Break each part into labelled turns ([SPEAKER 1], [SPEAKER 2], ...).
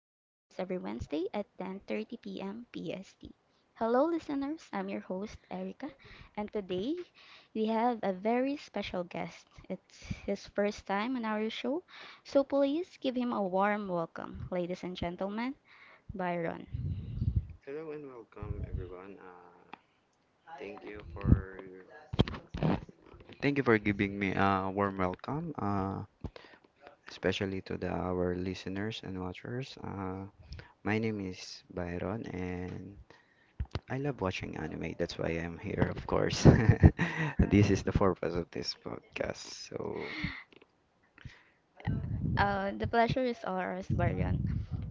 [SPEAKER 1] Catch us every Wednesday at 10:30 p.m. PST. Hello listeners, I'm your host Erica, and today we have a very special guest. It's his first time on our show, so please give him a warm welcome, ladies and gentlemen, Byron.
[SPEAKER 2] Hello and welcome everyone. Thank you for giving me a warm welcome, especially to the our listeners and watchers. My name is Byron, and I love watching anime. That's why I'm here, of course. This is the purpose of this podcast. So,
[SPEAKER 1] The pleasure is ours, Byron.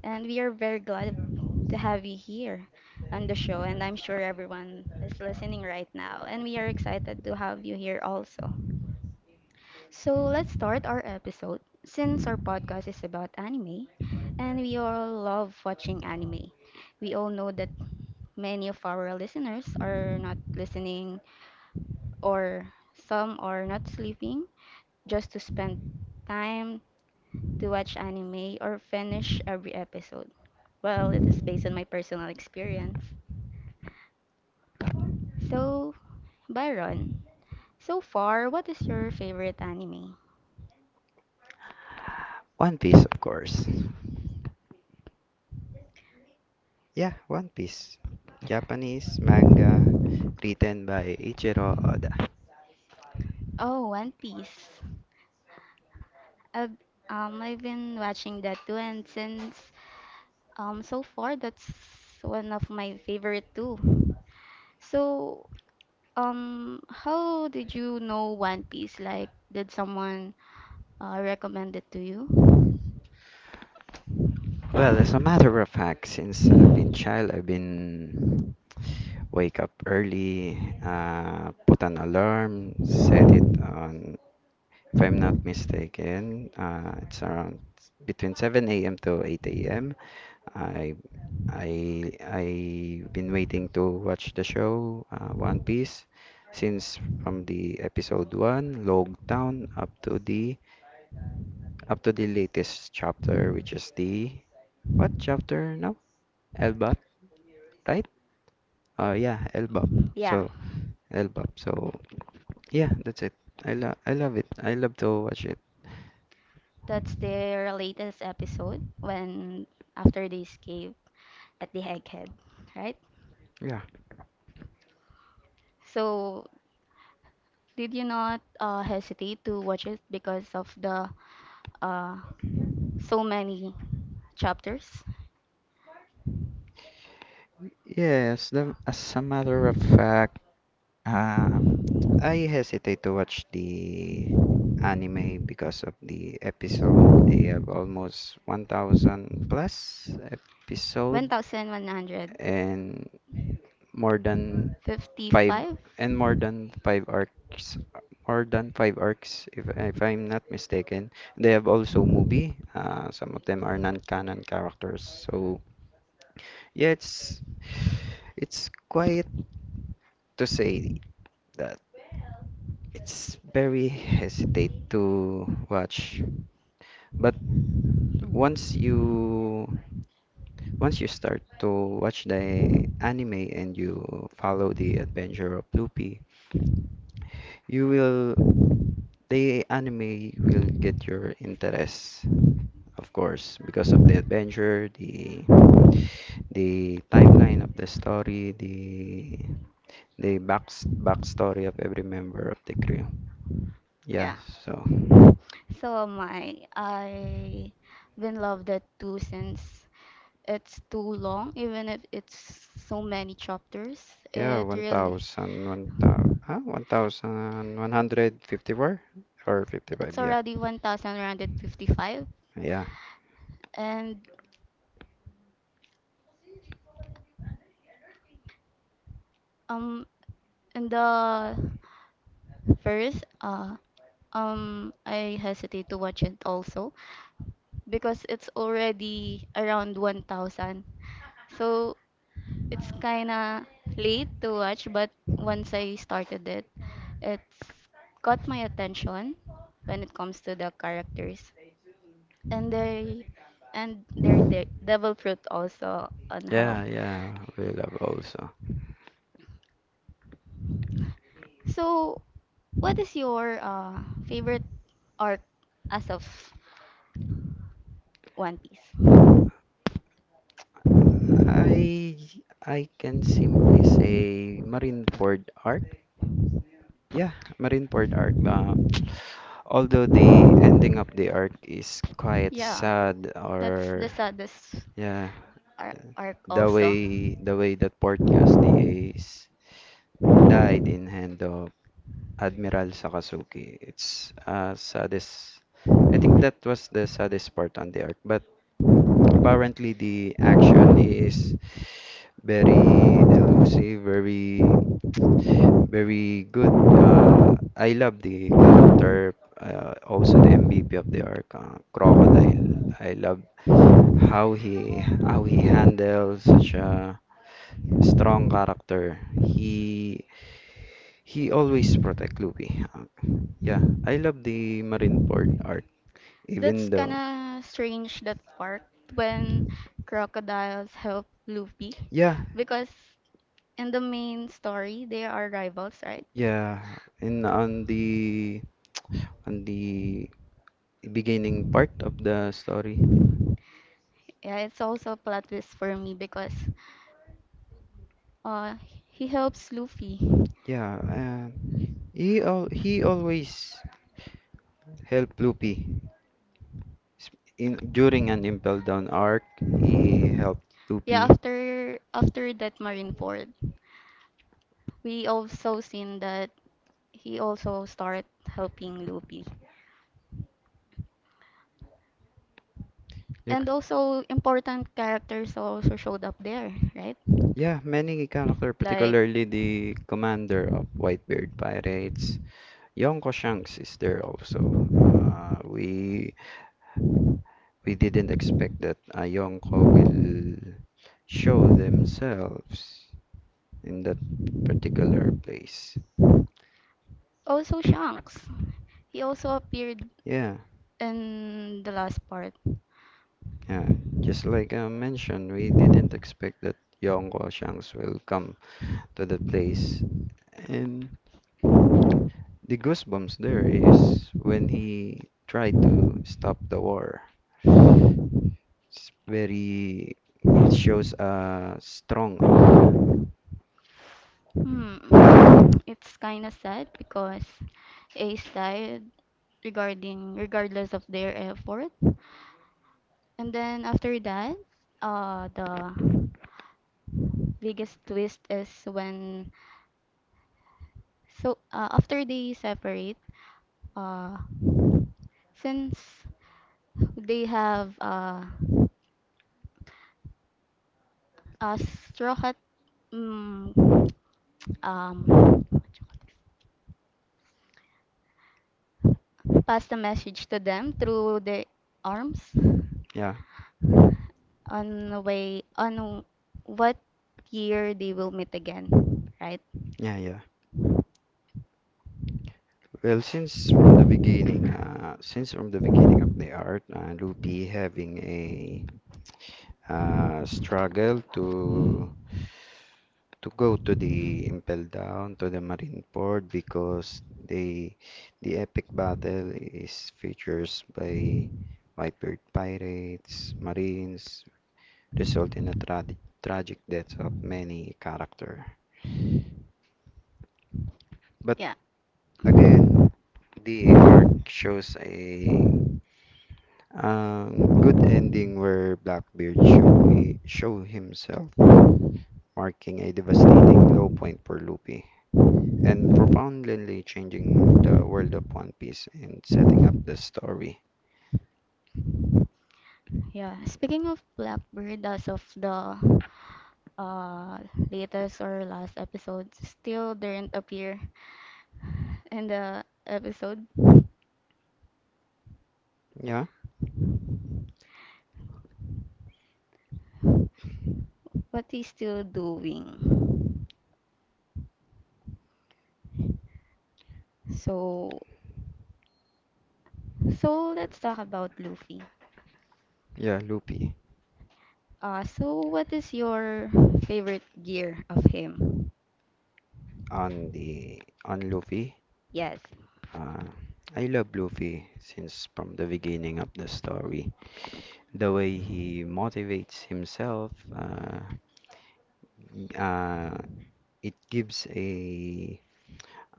[SPEAKER 1] And we are very glad to have you here on the show. And I'm sure everyone is listening right now. And we are excited to have you here also. So let's start our episode. Since our podcast is about anime, and we all love watching anime, we all know that many of our listeners are not listening, or some are not sleeping just to spend time to watch anime or finish every episode. Well, it is based on my personal experience. So, Byron, so far, what is your favorite anime?
[SPEAKER 2] One Piece, of course. Yeah, One Piece. Japanese manga written by Ichiro Oda.
[SPEAKER 1] Oh, One Piece. I've I've been watching that too, and since so far that's one of my favorite too. So how did you know One Piece? Like, did someone recommend it to you?
[SPEAKER 2] Well, as a matter of fact, since I've been child, I've been wake up early, put an alarm, set it on, if I'm not mistaken, it's around between 7 a.m. to 8 a.m. I I've been waiting to watch the show, One Piece, since from the episode 1, Log Town, up to the latest chapter, which is the what chapter now? Elbap, right? Oh yeah, Elbap.
[SPEAKER 1] Yeah.
[SPEAKER 2] So Elbap. So yeah, that's it. I love it. I love to watch it.
[SPEAKER 1] That's their latest episode when after they escape at the Egghead, right?
[SPEAKER 2] Yeah.
[SPEAKER 1] So did you not hesitate to watch it because of the uh, so many chapters?
[SPEAKER 2] Yes, as a matter of fact, uh, I hesitate to watch the anime because of the episode. They have almost 1,000 plus episode
[SPEAKER 1] One thousand one hundred
[SPEAKER 2] and more than five
[SPEAKER 1] fifty-five.
[SPEAKER 2] and more than five arcs more than five arcs, if I'm not mistaken. They have also movie. Some of them are non-canon characters. So yeah, it's quite to say that it's very hesitate to watch. But once you once you start to watch the anime and you follow the adventure of Luffy, you will the anime will get your interest. Of course, because of the adventure, the timeline of the story, the backstory of every member of the crew. Yeah,
[SPEAKER 1] Yeah.
[SPEAKER 2] so
[SPEAKER 1] So my I been love that too since it's too long, even if it's so many chapters.
[SPEAKER 2] yeah,
[SPEAKER 1] It really
[SPEAKER 2] 1,000, 1,000, 1,154 or 55,
[SPEAKER 1] it's
[SPEAKER 2] yeah.
[SPEAKER 1] already 1,155
[SPEAKER 2] Yeah.
[SPEAKER 1] and Um, in the first, I hesitate to watch it also because it's already around 1,000. So it's kinda late to watch, but once I started it, it's caught my attention when it comes to the characters, and they and their devil fruit also on how.
[SPEAKER 2] Yeah, yeah, we love also.
[SPEAKER 1] So, what is your favorite arc as of One Piece?
[SPEAKER 2] I I can simply say Marineford Arc. Yeah, Marineford Arc. Although the ending of the arc is quite
[SPEAKER 1] Yeah,
[SPEAKER 2] sad,
[SPEAKER 1] that's the
[SPEAKER 2] or
[SPEAKER 1] saddest
[SPEAKER 2] yeah,
[SPEAKER 1] arc
[SPEAKER 2] the
[SPEAKER 1] also.
[SPEAKER 2] way that Portgas the Ace died in hand of Admiral Sakazuki. It's saddest. I think that was the saddest part on the arc. But apparently the action is very delusive, very, very good. I love the character, also the MVP of the arc, Crocodile. I love how he handles such a strong character. He always protect Luffy. Yeah, I love the Marineford arc,
[SPEAKER 1] That's
[SPEAKER 2] even though
[SPEAKER 1] kinda strange that part when crocodiles help Luffy
[SPEAKER 2] yeah,
[SPEAKER 1] because in the main story they are rivals, right?
[SPEAKER 2] yeah, and on the on the beginning part of the story,
[SPEAKER 1] Yeah, it's also a plot twist for me because uh he helps Luffy.
[SPEAKER 2] yeah, he always helped Luffy s- in during an Impel Down arc. He helped
[SPEAKER 1] Yeah,
[SPEAKER 2] Luffy.
[SPEAKER 1] after that Marineford, we also seen that he also start helping Luffy.
[SPEAKER 2] You c-
[SPEAKER 1] And also important characters also showed up there, right?
[SPEAKER 2] yeah, many character,
[SPEAKER 1] Like
[SPEAKER 2] particularly the commander of Whitebeard Pirates. Yonko Shanks is there also. Uh, we we didn't expect that, Yonko will show themselves in that particular place.
[SPEAKER 1] also Shanks. He also appeared
[SPEAKER 2] Yeah.
[SPEAKER 1] in the last part.
[SPEAKER 2] Yeah, just like I mentioned, we didn't expect that Yonko Shanks will come to the place. And the goosebumps there is when he tried to stop the war. It's very, it shows a strong aura.
[SPEAKER 1] Hmm. It's kind of sad because Ace died regarding regardless of their effort. And then after that, the biggest twist is when. So after they separate, uh, since they have a straw hat, mm, um, what you call this? Pass the message to them through their arms
[SPEAKER 2] Yeah,
[SPEAKER 1] on the way on what year they will meet again, right?
[SPEAKER 2] yeah, yeah. Well, since from the beginning, of the art, Luffy having a struggle to go to the Impel Down, to the Marineford, because the epic battle is features by Whitebird pirates, marines, result in a tragic death of many character. But
[SPEAKER 1] Yeah,
[SPEAKER 2] again, the arc shows a good ending where Blackbeard show he show himself, marking a devastating low point for Luffy, and profoundly changing the world of One Piece and setting up the story.
[SPEAKER 1] yeah. Speaking of Blackbird, as of the uh, latest or last episode still didn't appear in the episode.
[SPEAKER 2] Yeah,
[SPEAKER 1] What he's still doing. So, so let's talk about Luffy.
[SPEAKER 2] yeah, Luffy,
[SPEAKER 1] So what is your favorite gear of him?
[SPEAKER 2] on Luffy.
[SPEAKER 1] Yes.
[SPEAKER 2] Uh, I love Luffy since from the beginning of the story. The way he motivates himself, uh, it gives a,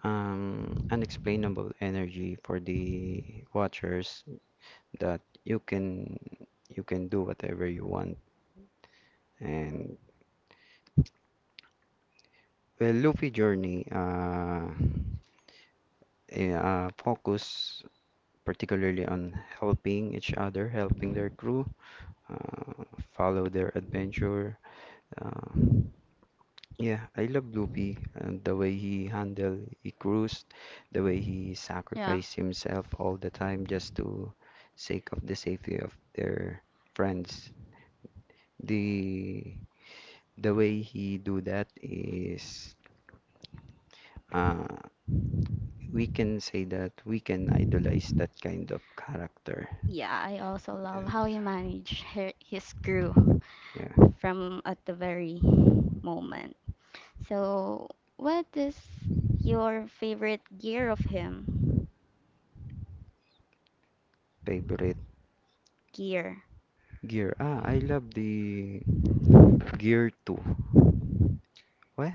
[SPEAKER 2] unexplainable energy for the watchers, that you can do whatever you want. And Well, Luffy Journey, focus particularly on helping each other, helping their crew, uh, follow their adventure. Uh, yeah, I love Luffy and the way he handled, he cruised, the way he
[SPEAKER 1] Yeah.
[SPEAKER 2] sacrificed himself all the time just to sake of the safety of their friends. The way he do that is, uh, we can say that we can idolize that kind of character.
[SPEAKER 1] Yeah, I also love how
[SPEAKER 2] Yes.
[SPEAKER 1] he managed her, his crew
[SPEAKER 2] Yeah,
[SPEAKER 1] from at the very moment. So, what is your favorite gear of him?
[SPEAKER 2] favorite
[SPEAKER 1] Gear.
[SPEAKER 2] gear. I love the Gear 2. Well,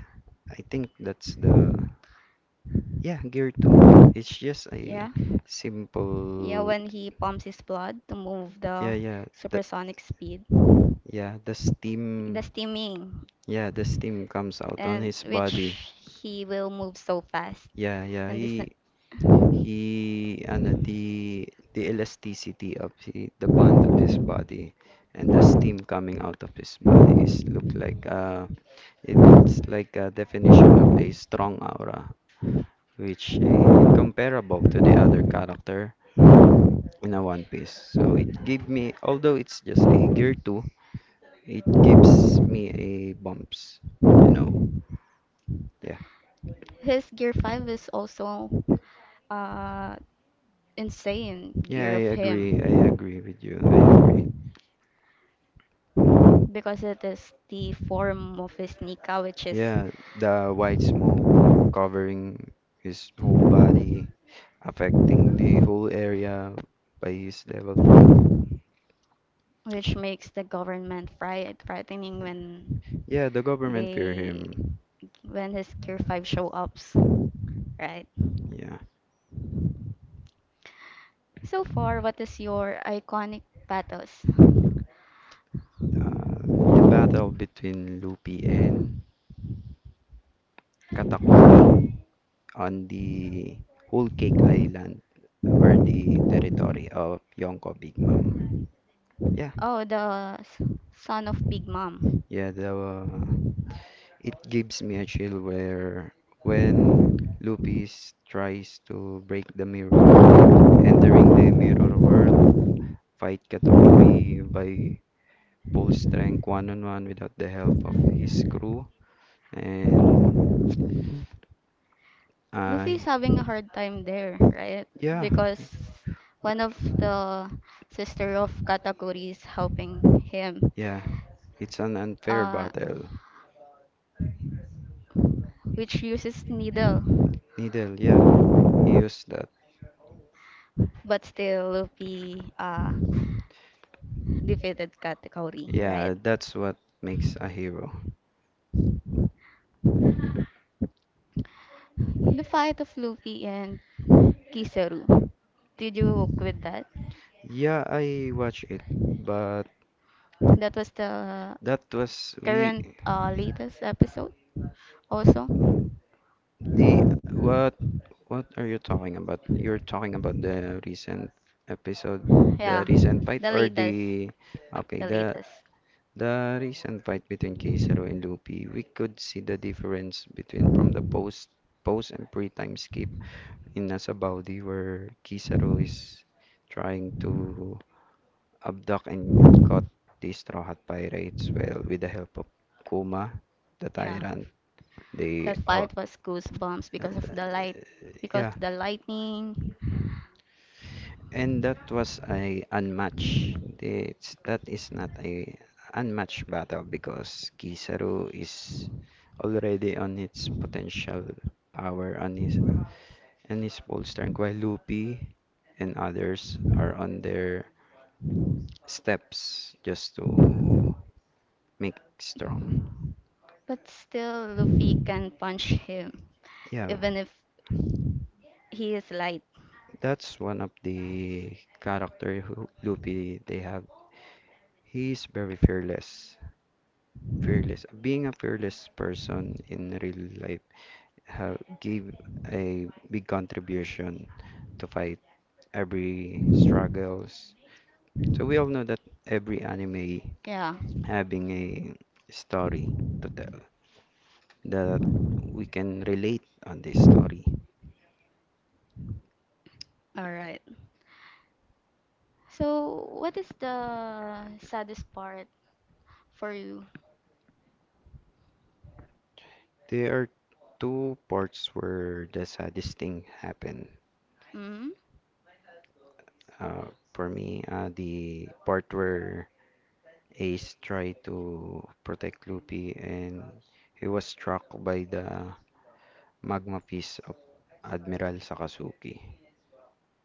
[SPEAKER 2] I think that's the, yeah, Gear 2. It's just
[SPEAKER 1] Yeah.
[SPEAKER 2] a
[SPEAKER 1] Yeah,
[SPEAKER 2] simple,
[SPEAKER 1] when he pumps his blood to move
[SPEAKER 2] yeah,
[SPEAKER 1] the
[SPEAKER 2] yeah. The
[SPEAKER 1] supersonic speed.
[SPEAKER 2] Yeah, the
[SPEAKER 1] The
[SPEAKER 2] steam,
[SPEAKER 1] steaming.
[SPEAKER 2] yeah, the steam comes out on
[SPEAKER 1] And
[SPEAKER 2] his body.
[SPEAKER 1] which he will move so fast.
[SPEAKER 2] Yeah, yeah.
[SPEAKER 1] And this.
[SPEAKER 2] He, the elasticity of the, bond of his body, and the steam coming out of his body is look like, it's like a definition of a strong aura, which is incomparable to the other character in a One Piece. So it gave me, although it's just a gear two, it gives me a bumps, you know. Yeah,
[SPEAKER 1] His gear 5 is also uh insane
[SPEAKER 2] yeah,
[SPEAKER 1] gear of
[SPEAKER 2] I agree. I
[SPEAKER 1] him
[SPEAKER 2] agree with you. I agree.
[SPEAKER 1] because it is the form of his Nika, which is
[SPEAKER 2] Yeah, the white smoke covering his whole body, affecting the whole area by his devil fruit.
[SPEAKER 1] which makes the government frightening when
[SPEAKER 2] Yeah, the government fear
[SPEAKER 1] they
[SPEAKER 2] him.
[SPEAKER 1] when his gear 5 show ups, right?
[SPEAKER 2] Yeah.
[SPEAKER 1] So far, what is your iconic pathos?
[SPEAKER 2] The battle between Lupi and Katakuri on the Whole Cake Island, were the territory of Yonko Big Mom. Yeah.
[SPEAKER 1] Oh, the son of Big Mom.
[SPEAKER 2] Yeah, the it gives me a chill where when Lupis tries to break the mirror, entering the mirror world, fight Katakuri by full strength, one on one, without the help of his crew. And
[SPEAKER 1] Luffy is
[SPEAKER 2] I,
[SPEAKER 1] having a hard time there, right?
[SPEAKER 2] yeah,
[SPEAKER 1] Because one of the sister of Katakuri is helping him.
[SPEAKER 2] yeah, it's an unfair
[SPEAKER 1] Uh,
[SPEAKER 2] battle.
[SPEAKER 1] which uses needle,
[SPEAKER 2] Needle, yeah, he used that.
[SPEAKER 1] but still Luffy defeated Katakuri,
[SPEAKER 2] Yeah,
[SPEAKER 1] right?
[SPEAKER 2] that's what makes a hero.
[SPEAKER 1] The fight of Luffy and Kizaru. Did you work with that?
[SPEAKER 2] Yeah, I watch it, but
[SPEAKER 1] That was the
[SPEAKER 2] that was we.
[SPEAKER 1] current latest episode also.
[SPEAKER 2] The What are you talking about? You're talking about the recent episode, the
[SPEAKER 1] Yeah,
[SPEAKER 2] recent fight,
[SPEAKER 1] the
[SPEAKER 2] or
[SPEAKER 1] latest.
[SPEAKER 2] the, okay,
[SPEAKER 1] The
[SPEAKER 2] the
[SPEAKER 1] latest.
[SPEAKER 2] recent fight between Keisaro and Luffy. We could see the difference between from the post and pre-time skip in Nasabaudi, where Kizaru is trying to abduct and caught the Straw Hat Pirates, well, with the help of Kuma, the
[SPEAKER 1] Yeah.
[SPEAKER 2] tyrant.
[SPEAKER 1] That
[SPEAKER 2] They oh,
[SPEAKER 1] fight was goosebumps because
[SPEAKER 2] and,
[SPEAKER 1] of
[SPEAKER 2] uh,
[SPEAKER 1] the light because
[SPEAKER 2] yeah,
[SPEAKER 1] of the lightning.
[SPEAKER 2] and that was a unmatched. That is not a unmatched battle because Kizaru is already on its potential power on his and his full strength, while Luffy and others are on their steps just to make strong.
[SPEAKER 1] But still Luffy can punch him
[SPEAKER 2] Yeah,
[SPEAKER 1] even if he is light.
[SPEAKER 2] that's one of the character who Luffy they have. He is very fearless. Fearless. Being a fearless person in real life have give a big contribution to fight every struggles. So we all know that every anime
[SPEAKER 1] Yeah.
[SPEAKER 2] having a story to tell that we can relate on this story.
[SPEAKER 1] Alright. So what is the saddest part for you?
[SPEAKER 2] There are two parts where the saddest thing happened.
[SPEAKER 1] Hmm.
[SPEAKER 2] For me, the part where Ace tried to protect Luffy and he was struck by the Magma piece of Admiral Sakazuki.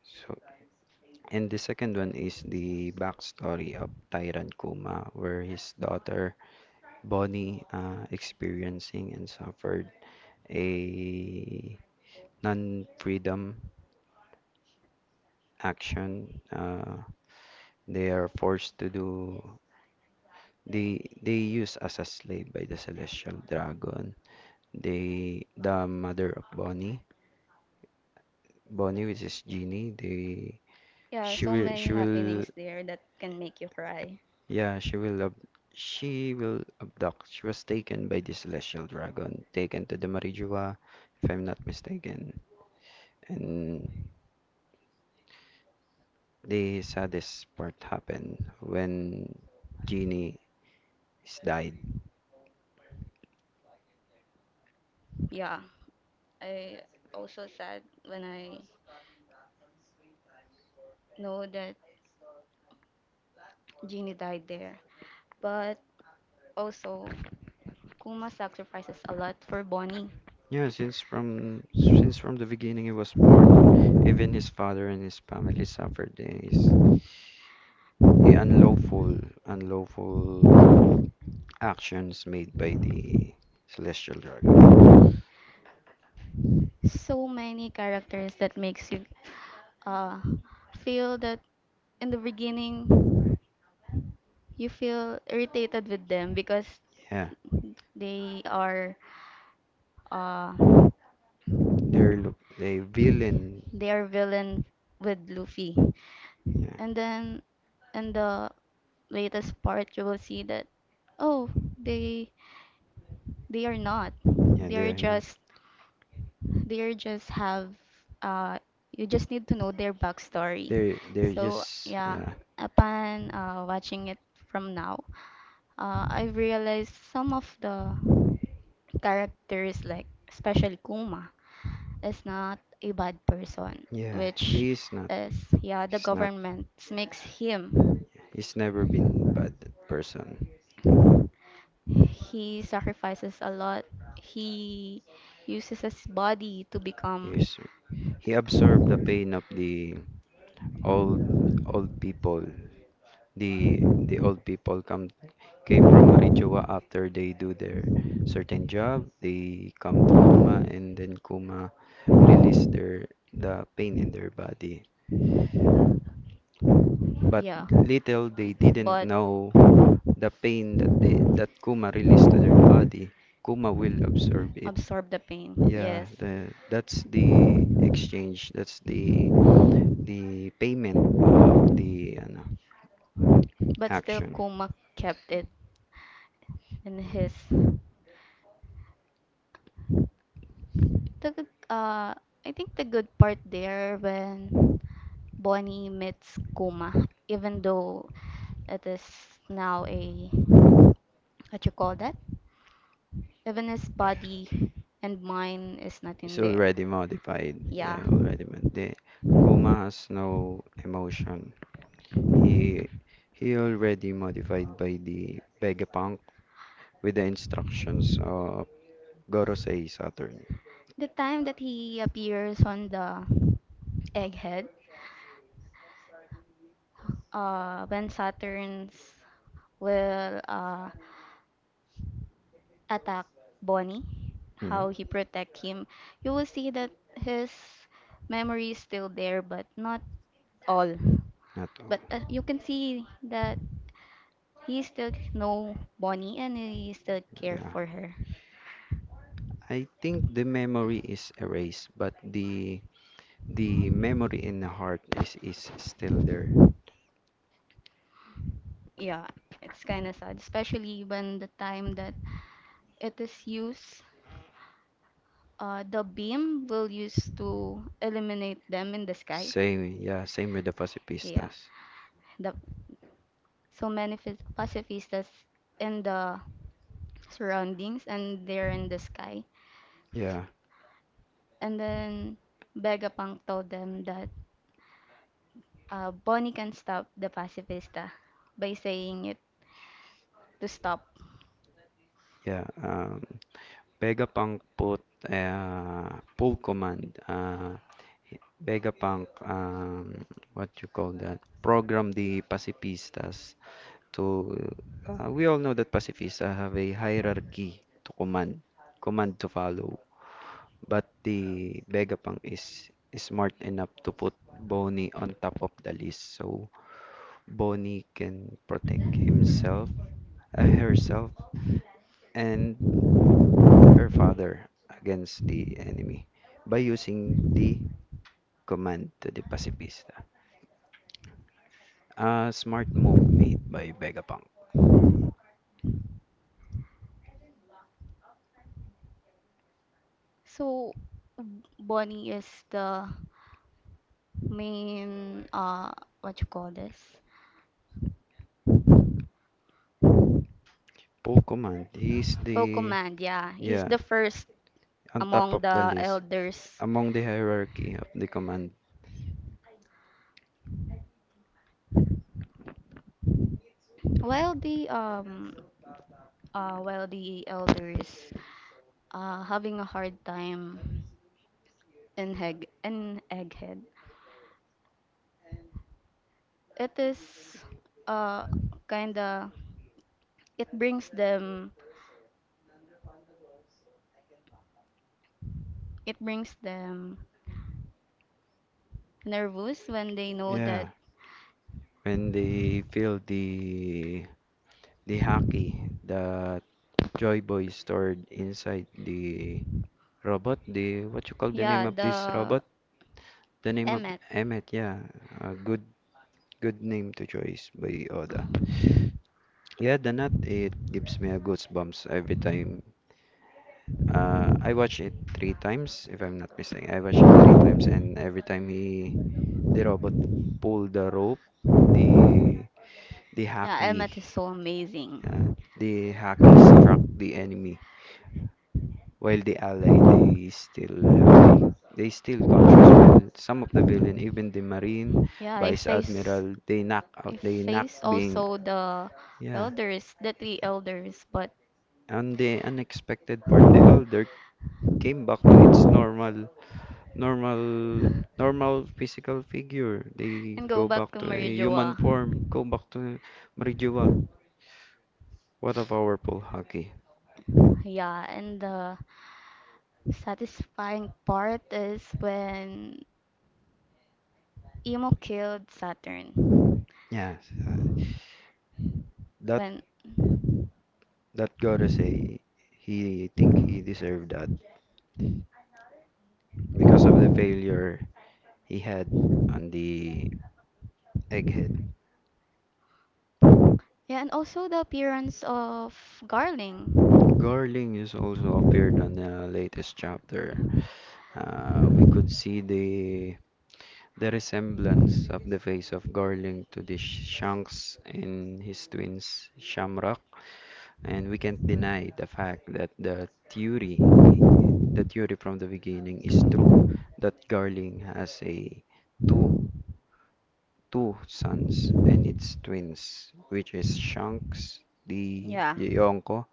[SPEAKER 2] So, and the second one is the backstory of Tyrant Kuma, where his daughter Bonnie, experiencing and suffered a non-freedom action. They are forced to do. They used as a slave by the Celestial Dragon. The mother of Bonnie, which is Genie. They,
[SPEAKER 1] Yeah, so many
[SPEAKER 2] she will,
[SPEAKER 1] happenings there that can make you cry.
[SPEAKER 2] yeah, she will abduct. She was taken by the celestial dragon, taken to the Marijua, if I'm not mistaken. And the saddest part happened when Genie is died.
[SPEAKER 1] Yeah, I also sad when I know that Jeannie died there. But also, Kuma sacrifices a lot for Bonnie.
[SPEAKER 2] Yeah, since from the beginning he was born, even his father and his family suffered his the unlawful unlawful actions made by the celestial dragon.
[SPEAKER 1] So many characters that makes you uh, feel that in the beginning you feel irritated with them because
[SPEAKER 2] Yeah,
[SPEAKER 1] they are uh,
[SPEAKER 2] they're look they villain.
[SPEAKER 1] they are villain with Luffy.
[SPEAKER 2] Yeah.
[SPEAKER 1] And then in the latest part you will see that oh they they are not.
[SPEAKER 2] Yeah, they
[SPEAKER 1] They're
[SPEAKER 2] are not.
[SPEAKER 1] just they're just have uh you just need to know their backstory.
[SPEAKER 2] They're
[SPEAKER 1] So
[SPEAKER 2] just
[SPEAKER 1] yeah,
[SPEAKER 2] yeah.
[SPEAKER 1] upon watching it from now, I realized some of the characters like especially Kuma is not a bad person,
[SPEAKER 2] Yeah,
[SPEAKER 1] which
[SPEAKER 2] he's not.
[SPEAKER 1] is, yeah, the
[SPEAKER 2] He's not.
[SPEAKER 1] government makes him.
[SPEAKER 2] He's never been bad person.
[SPEAKER 1] He sacrifices a lot. He uses his body to become,
[SPEAKER 2] He's he absorbed the pain of the old old people. The old people come came from Marijoa after they do their certain job. They come to Kuma, and then Kuma release the pain in their body. But
[SPEAKER 1] yeah,
[SPEAKER 2] little they didn't
[SPEAKER 1] but
[SPEAKER 2] know the pain that Kuma released to their body, Kuma will absorb it.
[SPEAKER 1] absorb the pain,
[SPEAKER 2] Yeah,
[SPEAKER 1] yes.
[SPEAKER 2] the that's the exchange. That's the payment of the,
[SPEAKER 1] But still,
[SPEAKER 2] action.
[SPEAKER 1] Kuma kept it in his. The good, I think the good part there when Bonnie meets Kuma, even though it is now a what you call that? Even his body and mind is not
[SPEAKER 2] It's
[SPEAKER 1] in there.
[SPEAKER 2] already modified. Yeah,
[SPEAKER 1] Yeah.
[SPEAKER 2] already. The Kuma has no emotion. He he already modified by the Vegapunk with the instructions of Gorosei Saturn.
[SPEAKER 1] The time that he appears on the egghead, when Saturn's will attack Bonnie,
[SPEAKER 2] Mhm.
[SPEAKER 1] how he protect him, you will see that his memory is still there, but not all.
[SPEAKER 2] Not all.
[SPEAKER 1] But you can see that he still know Bonnie and he still care
[SPEAKER 2] Yeah.
[SPEAKER 1] for her.
[SPEAKER 2] I think the memory is erased, but the memory in the heart is still there.
[SPEAKER 1] Yeah, it's kind of sad, especially when the time that it is used, the beam will use to eliminate them in the sky.
[SPEAKER 2] Same, yeah, same with the
[SPEAKER 1] Yeah,
[SPEAKER 2] Pasipistas.
[SPEAKER 1] the so many pacifistas in the surroundings and they're in the sky.
[SPEAKER 2] Yeah,
[SPEAKER 1] And then Vegapunk told them that Bonnie can stop the pacifista by saying it to stop.
[SPEAKER 2] yeah. Vega Punk put, pull command. Vega Punk, what you call that? Program the pacifistas to, we all know that pacifists, have a hierarchy to command, command to follow. But the Vegapunk is smart enough to put Bonnie on top of the list so Bonnie can protect himself, herself, and her father against the enemy by using the command to the pacifista. A smart move made by Vegapunk.
[SPEAKER 1] So Bonnie is the main what you call this?
[SPEAKER 2] Poe command, he's
[SPEAKER 1] Folk
[SPEAKER 2] the
[SPEAKER 1] command, yeah. He's
[SPEAKER 2] yeah,
[SPEAKER 1] the first
[SPEAKER 2] on top
[SPEAKER 1] among
[SPEAKER 2] of the
[SPEAKER 1] the
[SPEAKER 2] list,
[SPEAKER 1] elders.
[SPEAKER 2] among the hierarchy of the command.
[SPEAKER 1] While the um while the elders having a hard time an egghead it is uh kinda it brings them it brings them nervous when they know
[SPEAKER 2] Yeah,
[SPEAKER 1] that
[SPEAKER 2] when they feel the hockey that Joy Boy stored inside the robot, the what you call the name
[SPEAKER 1] yeah
[SPEAKER 2] of this
[SPEAKER 1] the
[SPEAKER 2] robot? The name of
[SPEAKER 1] Emmet.
[SPEAKER 2] Emmet, yeah. A good name to choice by Oda. Yeah, the nut it gives me a goosebumps every time. I watch it three times, if I'm not mistaken. I watch it three times, and every time he the robot pulled the rope. The the
[SPEAKER 1] Yeah
[SPEAKER 2] hacky
[SPEAKER 1] Emmet is so
[SPEAKER 2] uh,
[SPEAKER 1] amazing.
[SPEAKER 2] the hacky struck the enemy. While the ally, they still conscious. While some of the villain, even the marine
[SPEAKER 1] Yeah
[SPEAKER 2] vice admiral, they knock
[SPEAKER 1] I
[SPEAKER 2] out. They knock
[SPEAKER 1] face
[SPEAKER 2] being,
[SPEAKER 1] also the
[SPEAKER 2] yeah.
[SPEAKER 1] elders the three elders but
[SPEAKER 2] On the unexpected part, the elder came back to its normal normal physical figure. They
[SPEAKER 1] and go
[SPEAKER 2] go
[SPEAKER 1] back
[SPEAKER 2] back
[SPEAKER 1] to
[SPEAKER 2] to a human
[SPEAKER 1] Marijoa.
[SPEAKER 2] form. Go back to Marijuwa. What of our pool hockey?
[SPEAKER 1] Yeah, and the satisfying part is when Emo killed Saturn.
[SPEAKER 2] Yes, uh, that
[SPEAKER 1] When
[SPEAKER 2] gotta say, he I think he deserved that because of the failure he had on the egghead.
[SPEAKER 1] yeah, and also the appearance of Garling.
[SPEAKER 2] Garling is also appeared on the latest chapter. We could see the resemblance of the face of Garling to the Shanks and his twins Shamrock, and we can't deny the fact that the theory, from the beginning, is true, that Garling has a two two sons and it's twins, which is Shanks, the
[SPEAKER 1] Yeah.
[SPEAKER 2] Yonko,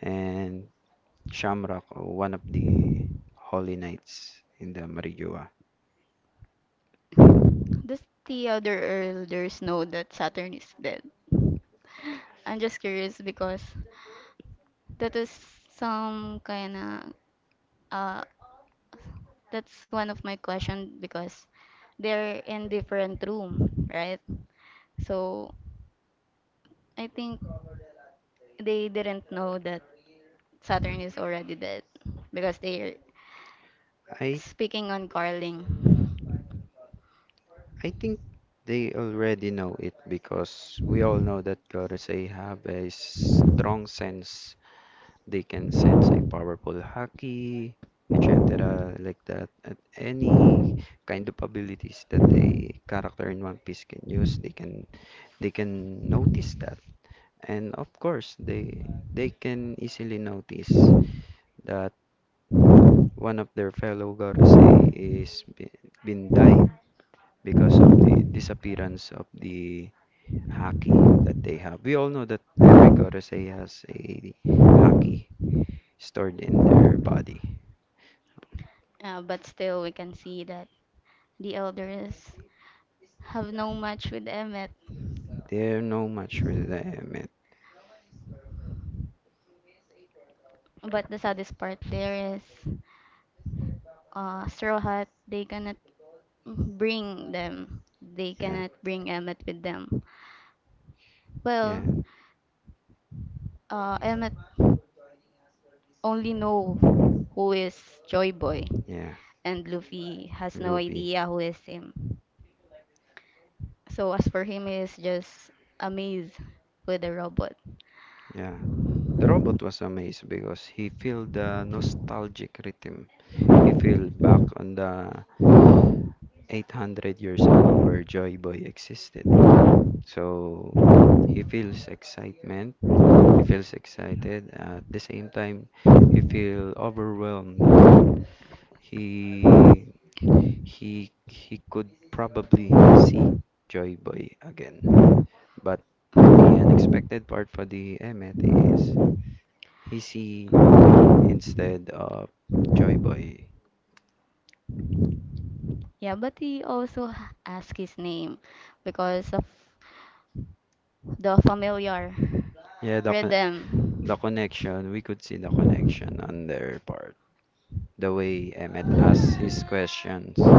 [SPEAKER 2] and Shamrock, one of the Holy Knights in the Marijuana.
[SPEAKER 1] Does the other elders know that Saturn is dead? I'm just curious because that is some kind of uh that's one of my question because they're in different room, right? So I think they didn't know that Saturn is already dead because they're
[SPEAKER 2] I
[SPEAKER 1] speaking on Carling.
[SPEAKER 2] I think they already know it, because we all know that Gorosei have a strong sense. They can sense a powerful haki, etc., like that. And any kind of abilities that a character in One Piece can use, they can notice that. And of course, they can easily notice that one of their fellow Gorosei is been died because of the disappearance of the haki that they have. We all know that every Gorosei has a haki stored in their body.
[SPEAKER 1] But still, we can see that the elders have no match with Emmet.
[SPEAKER 2] They're not mature today, I admit.
[SPEAKER 1] But the saddest part there is Straw Hat, they cannot bring them. They
[SPEAKER 2] Yeah,
[SPEAKER 1] cannot bring Emmet with them.
[SPEAKER 2] yeah,
[SPEAKER 1] Well, Emmet only know who is Joy Boy,
[SPEAKER 2] yeah.
[SPEAKER 1] and Luffy has no
[SPEAKER 2] Loopy.
[SPEAKER 1] idea who is him. So as for him, he is just amazed with the robot.
[SPEAKER 2] Yeah. The robot was amazed because he felt the nostalgic rhythm. He felt back on the 800 years ago where Joy Boy existed. So he feels excitement. He feels excited. At the same time, he feels overwhelmed that he he could probably see Joy Boy again. But the unexpected part for the Emmet is he see Loopy instead of Joy Boy.
[SPEAKER 1] Yeah, but he also asked his name because of the familiar
[SPEAKER 2] Yeah,
[SPEAKER 1] rhythm.
[SPEAKER 2] the connection. We could see the connection on their part. The way Emmet asks his questions.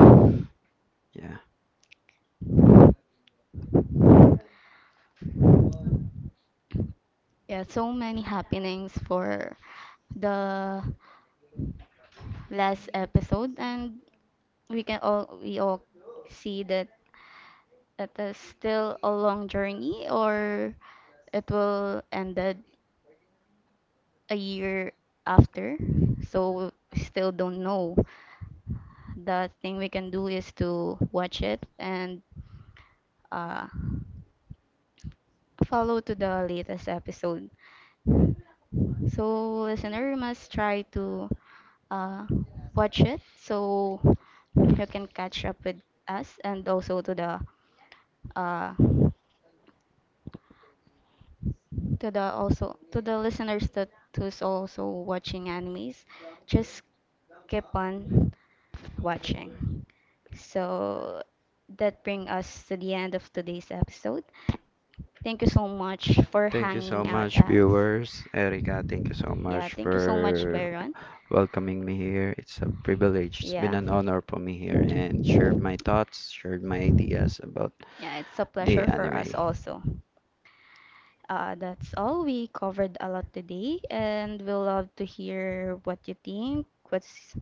[SPEAKER 2] Yeah.
[SPEAKER 1] Yeah, so many happenings for the last episode, and we all see that it is still a long journey, or it will ended a year after. So we still don't know. The thing we can do is to watch it and uh, follow to the latest episode. So, listener must try to uh, watch it so you can catch up with us and also uh, to the also to the listeners that who's also watching animes just keep on watching. So that brings us to the end of today's episode. Thank you so much for
[SPEAKER 2] Thank you so
[SPEAKER 1] hanging out
[SPEAKER 2] much,
[SPEAKER 1] us.
[SPEAKER 2] viewers. Erica, thank you so
[SPEAKER 1] Yeah,
[SPEAKER 2] much
[SPEAKER 1] thank you so much,
[SPEAKER 2] for
[SPEAKER 1] Byron.
[SPEAKER 2] welcoming me here. It's a privilege. It's been
[SPEAKER 1] Yeah,
[SPEAKER 2] an honor for me here and shared my thoughts, shared my ideas about
[SPEAKER 1] yeah, it's a
[SPEAKER 2] the
[SPEAKER 1] pleasure for us
[SPEAKER 2] anime.
[SPEAKER 1] also. That's all. We covered a lot today, and we'll love to hear what you think. What's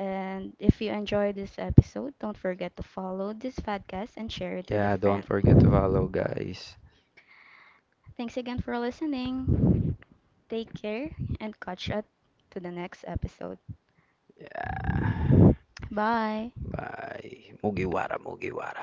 [SPEAKER 1] and if you enjoyed this episode, don't forget to follow this podcast and share it with a
[SPEAKER 2] Yeah, don't
[SPEAKER 1] friend.
[SPEAKER 2] forget to follow, guys.
[SPEAKER 1] Thanks again for listening. Take care and catch up to the next episode.
[SPEAKER 2] Ah,
[SPEAKER 1] Bye.
[SPEAKER 2] Bye. Mugiwara, Mugiwara.